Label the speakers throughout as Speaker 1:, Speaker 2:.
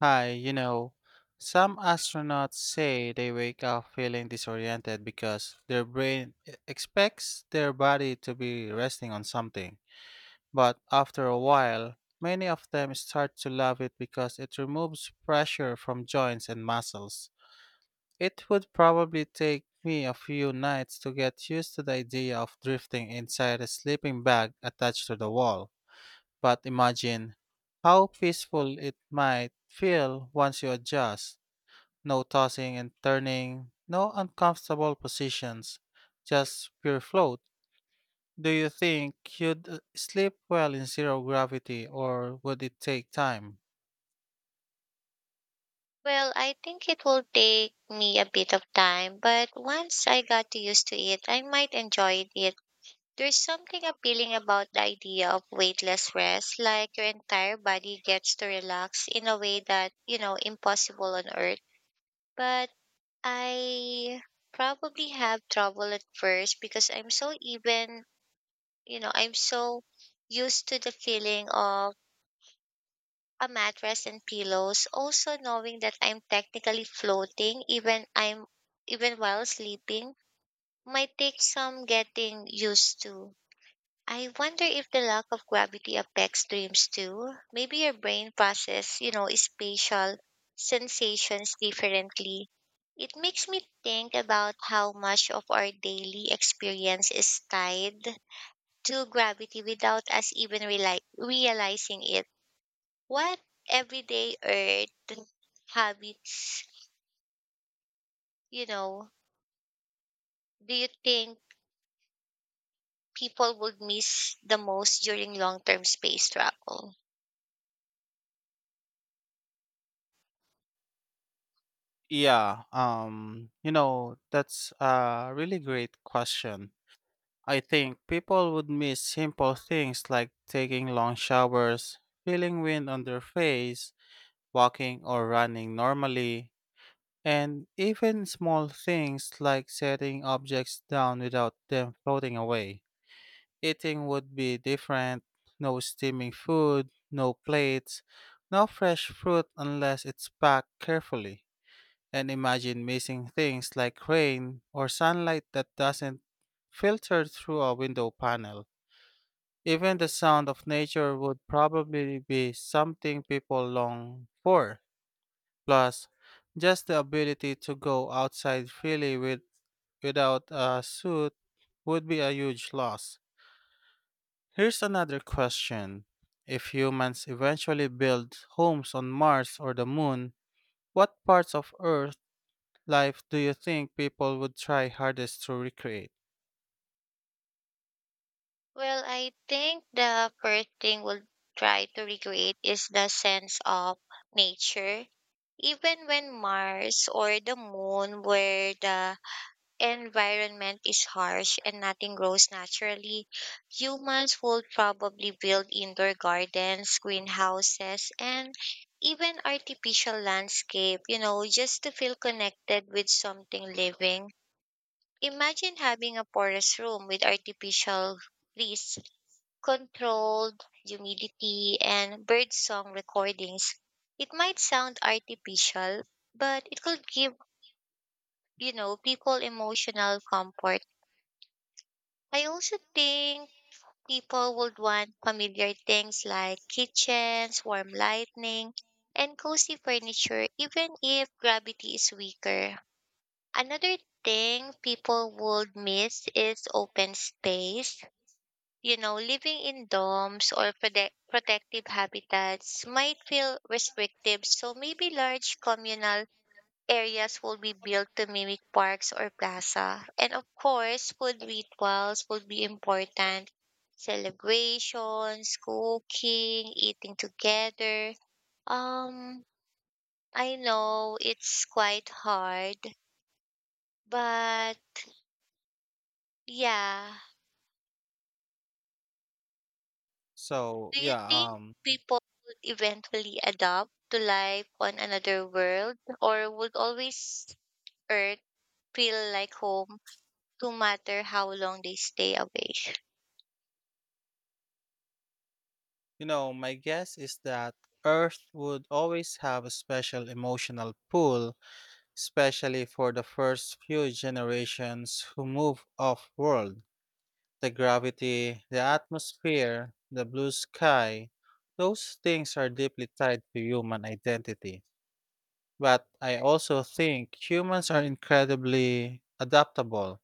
Speaker 1: Hi, you know, some astronauts say they wake up feeling disoriented because their brain expects their body to be resting on something. But after a while, many of them start to love it because it removes pressure from joints and muscles. It would probably take me a few nights to get used to the idea of drifting inside a sleeping bag attached to the wall. But imagine how peaceful it might feel once you adjust. No tossing and turning, no uncomfortable positions, just pure float. Do you think you'd sleep well in zero gravity or would it take time?
Speaker 2: Well, I think it will take me a bit of time, but once I got used to it, I might enjoy it. There's something appealing about the idea of weightless rest, like your entire body gets to relax in a way that, impossible on earth. But I probably have trouble at first because I'm so even, I'm so used to the feeling of a mattress and pillows. Also knowing that I'm technically floating even I'm even while sleeping might take some getting used to. I wonder if the lack of gravity affects dreams too. Maybe your brain process, spatial sensations differently. It makes me think about how much of our daily experience is tied to gravity without us even realizing it. What everyday earth habits, you know, do you think people would miss the most during long term space travel?
Speaker 1: Yeah, you know, that's a really great question. I think people would miss simple things like taking long showers, feeling wind on their face, walking or running normally, and even small things like setting objects down without them floating away. Eating would be different, no steaming food, no plates, no fresh fruit unless it's packed carefully. And imagine missing things like rain or sunlight that doesn't filter through a window panel. Even the sound of nature would probably be something people long for. Plus, just the ability to go outside without a suit would be a huge loss. Here's another question. If humans eventually build homes on Mars or the Moon, what parts of Earth life do you think people would try hardest to recreate?
Speaker 2: Well, I think the first thing we'll try to recreate is the sense of nature. Even when Mars or the moon were the environment is harsh and nothing grows naturally, humans would probably build indoor gardens, greenhouses, and even artificial landscape, just to feel connected with something living. Imagine having a porous room with artificial trees, controlled humidity, and bird song recordings. It might sound artificial, but it could give, people emotional comfort. I also think people would want familiar things like kitchens, warm lighting, and cozy furniture, even if gravity is weaker. Another thing people would miss is open space. You know, living in dorms or protective habitats might feel restrictive, so maybe large communal areas will be built to mimic parks or plaza. And of course, food rituals will be important. Celebrations, cooking, eating together. Um, I know it's quite hard, but yeah.
Speaker 1: So,
Speaker 2: Do you
Speaker 1: yeah,
Speaker 2: think people would eventually adapt to life on another world or would always Earth feel like home no matter how long they stay away?
Speaker 1: you know, my guess is that Earth would always have a special emotional pull, especially for the first few generations who move off world. The gravity, the atmosphere, the blue sky, those things are deeply tied to human identity. But I also think humans are incredibly adaptable.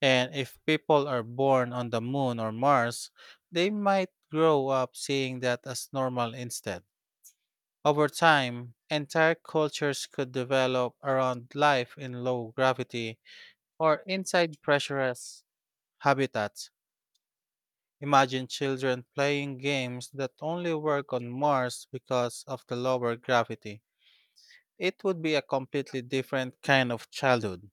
Speaker 1: And if people are born on the moon or Mars, they might grow up seeing that as normal instead. Over time, entire cultures could develop around life in low gravity or inside pressurized habitats. Imagine children playing games that only work on Mars because of the lower gravity. It would be a completely different kind of childhood.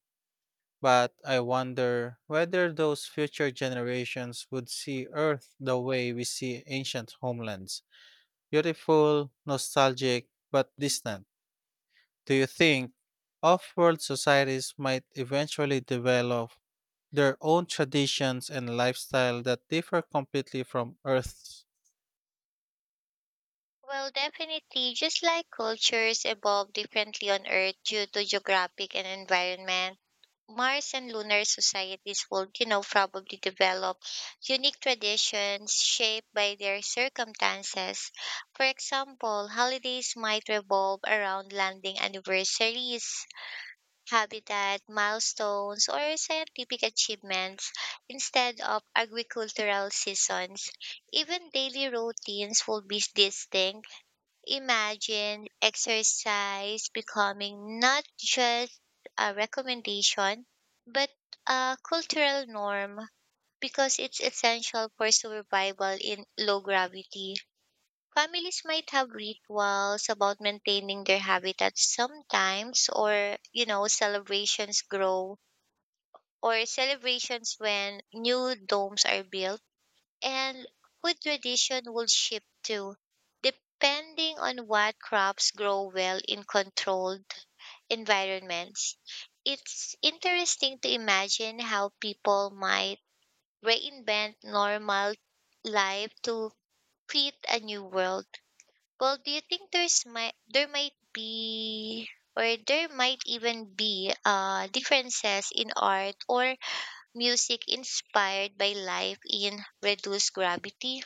Speaker 1: But I wonder whether those future generations would see Earth the way we see ancient homelands: beautiful, nostalgic, but distant. Do you think off world societies might eventually develop their own traditions and lifestyle that differ completely from Earth's?
Speaker 2: Well, definitely, just like cultures evolve differently on Earth due to geographic and environment, Mars and lunar societies would, probably develop unique traditions shaped by their circumstances. For example, holidays might revolve around landing anniversaries, habitat milestones, or scientific achievements instead of agricultural seasons. Even daily routines will be distinct. Imagine exercise becoming not just a recommendation, but a cultural norm because it's essential for survival in low gravity. Families might have rituals about maintaining their habitats sometimes, or, celebrations when new domes are built, and food tradition will shift too, depending on what crops grow well in controlled environments. It's interesting to imagine how people might reinvent normal life to fit a new world. Well, do you think there might be, or there might even be differences in art or music inspired by life in reduced gravity?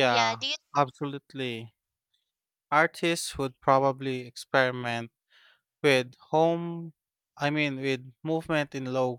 Speaker 2: Yeah, do you
Speaker 1: absolutely. Artists would probably experiment with home, I mean, with movement in low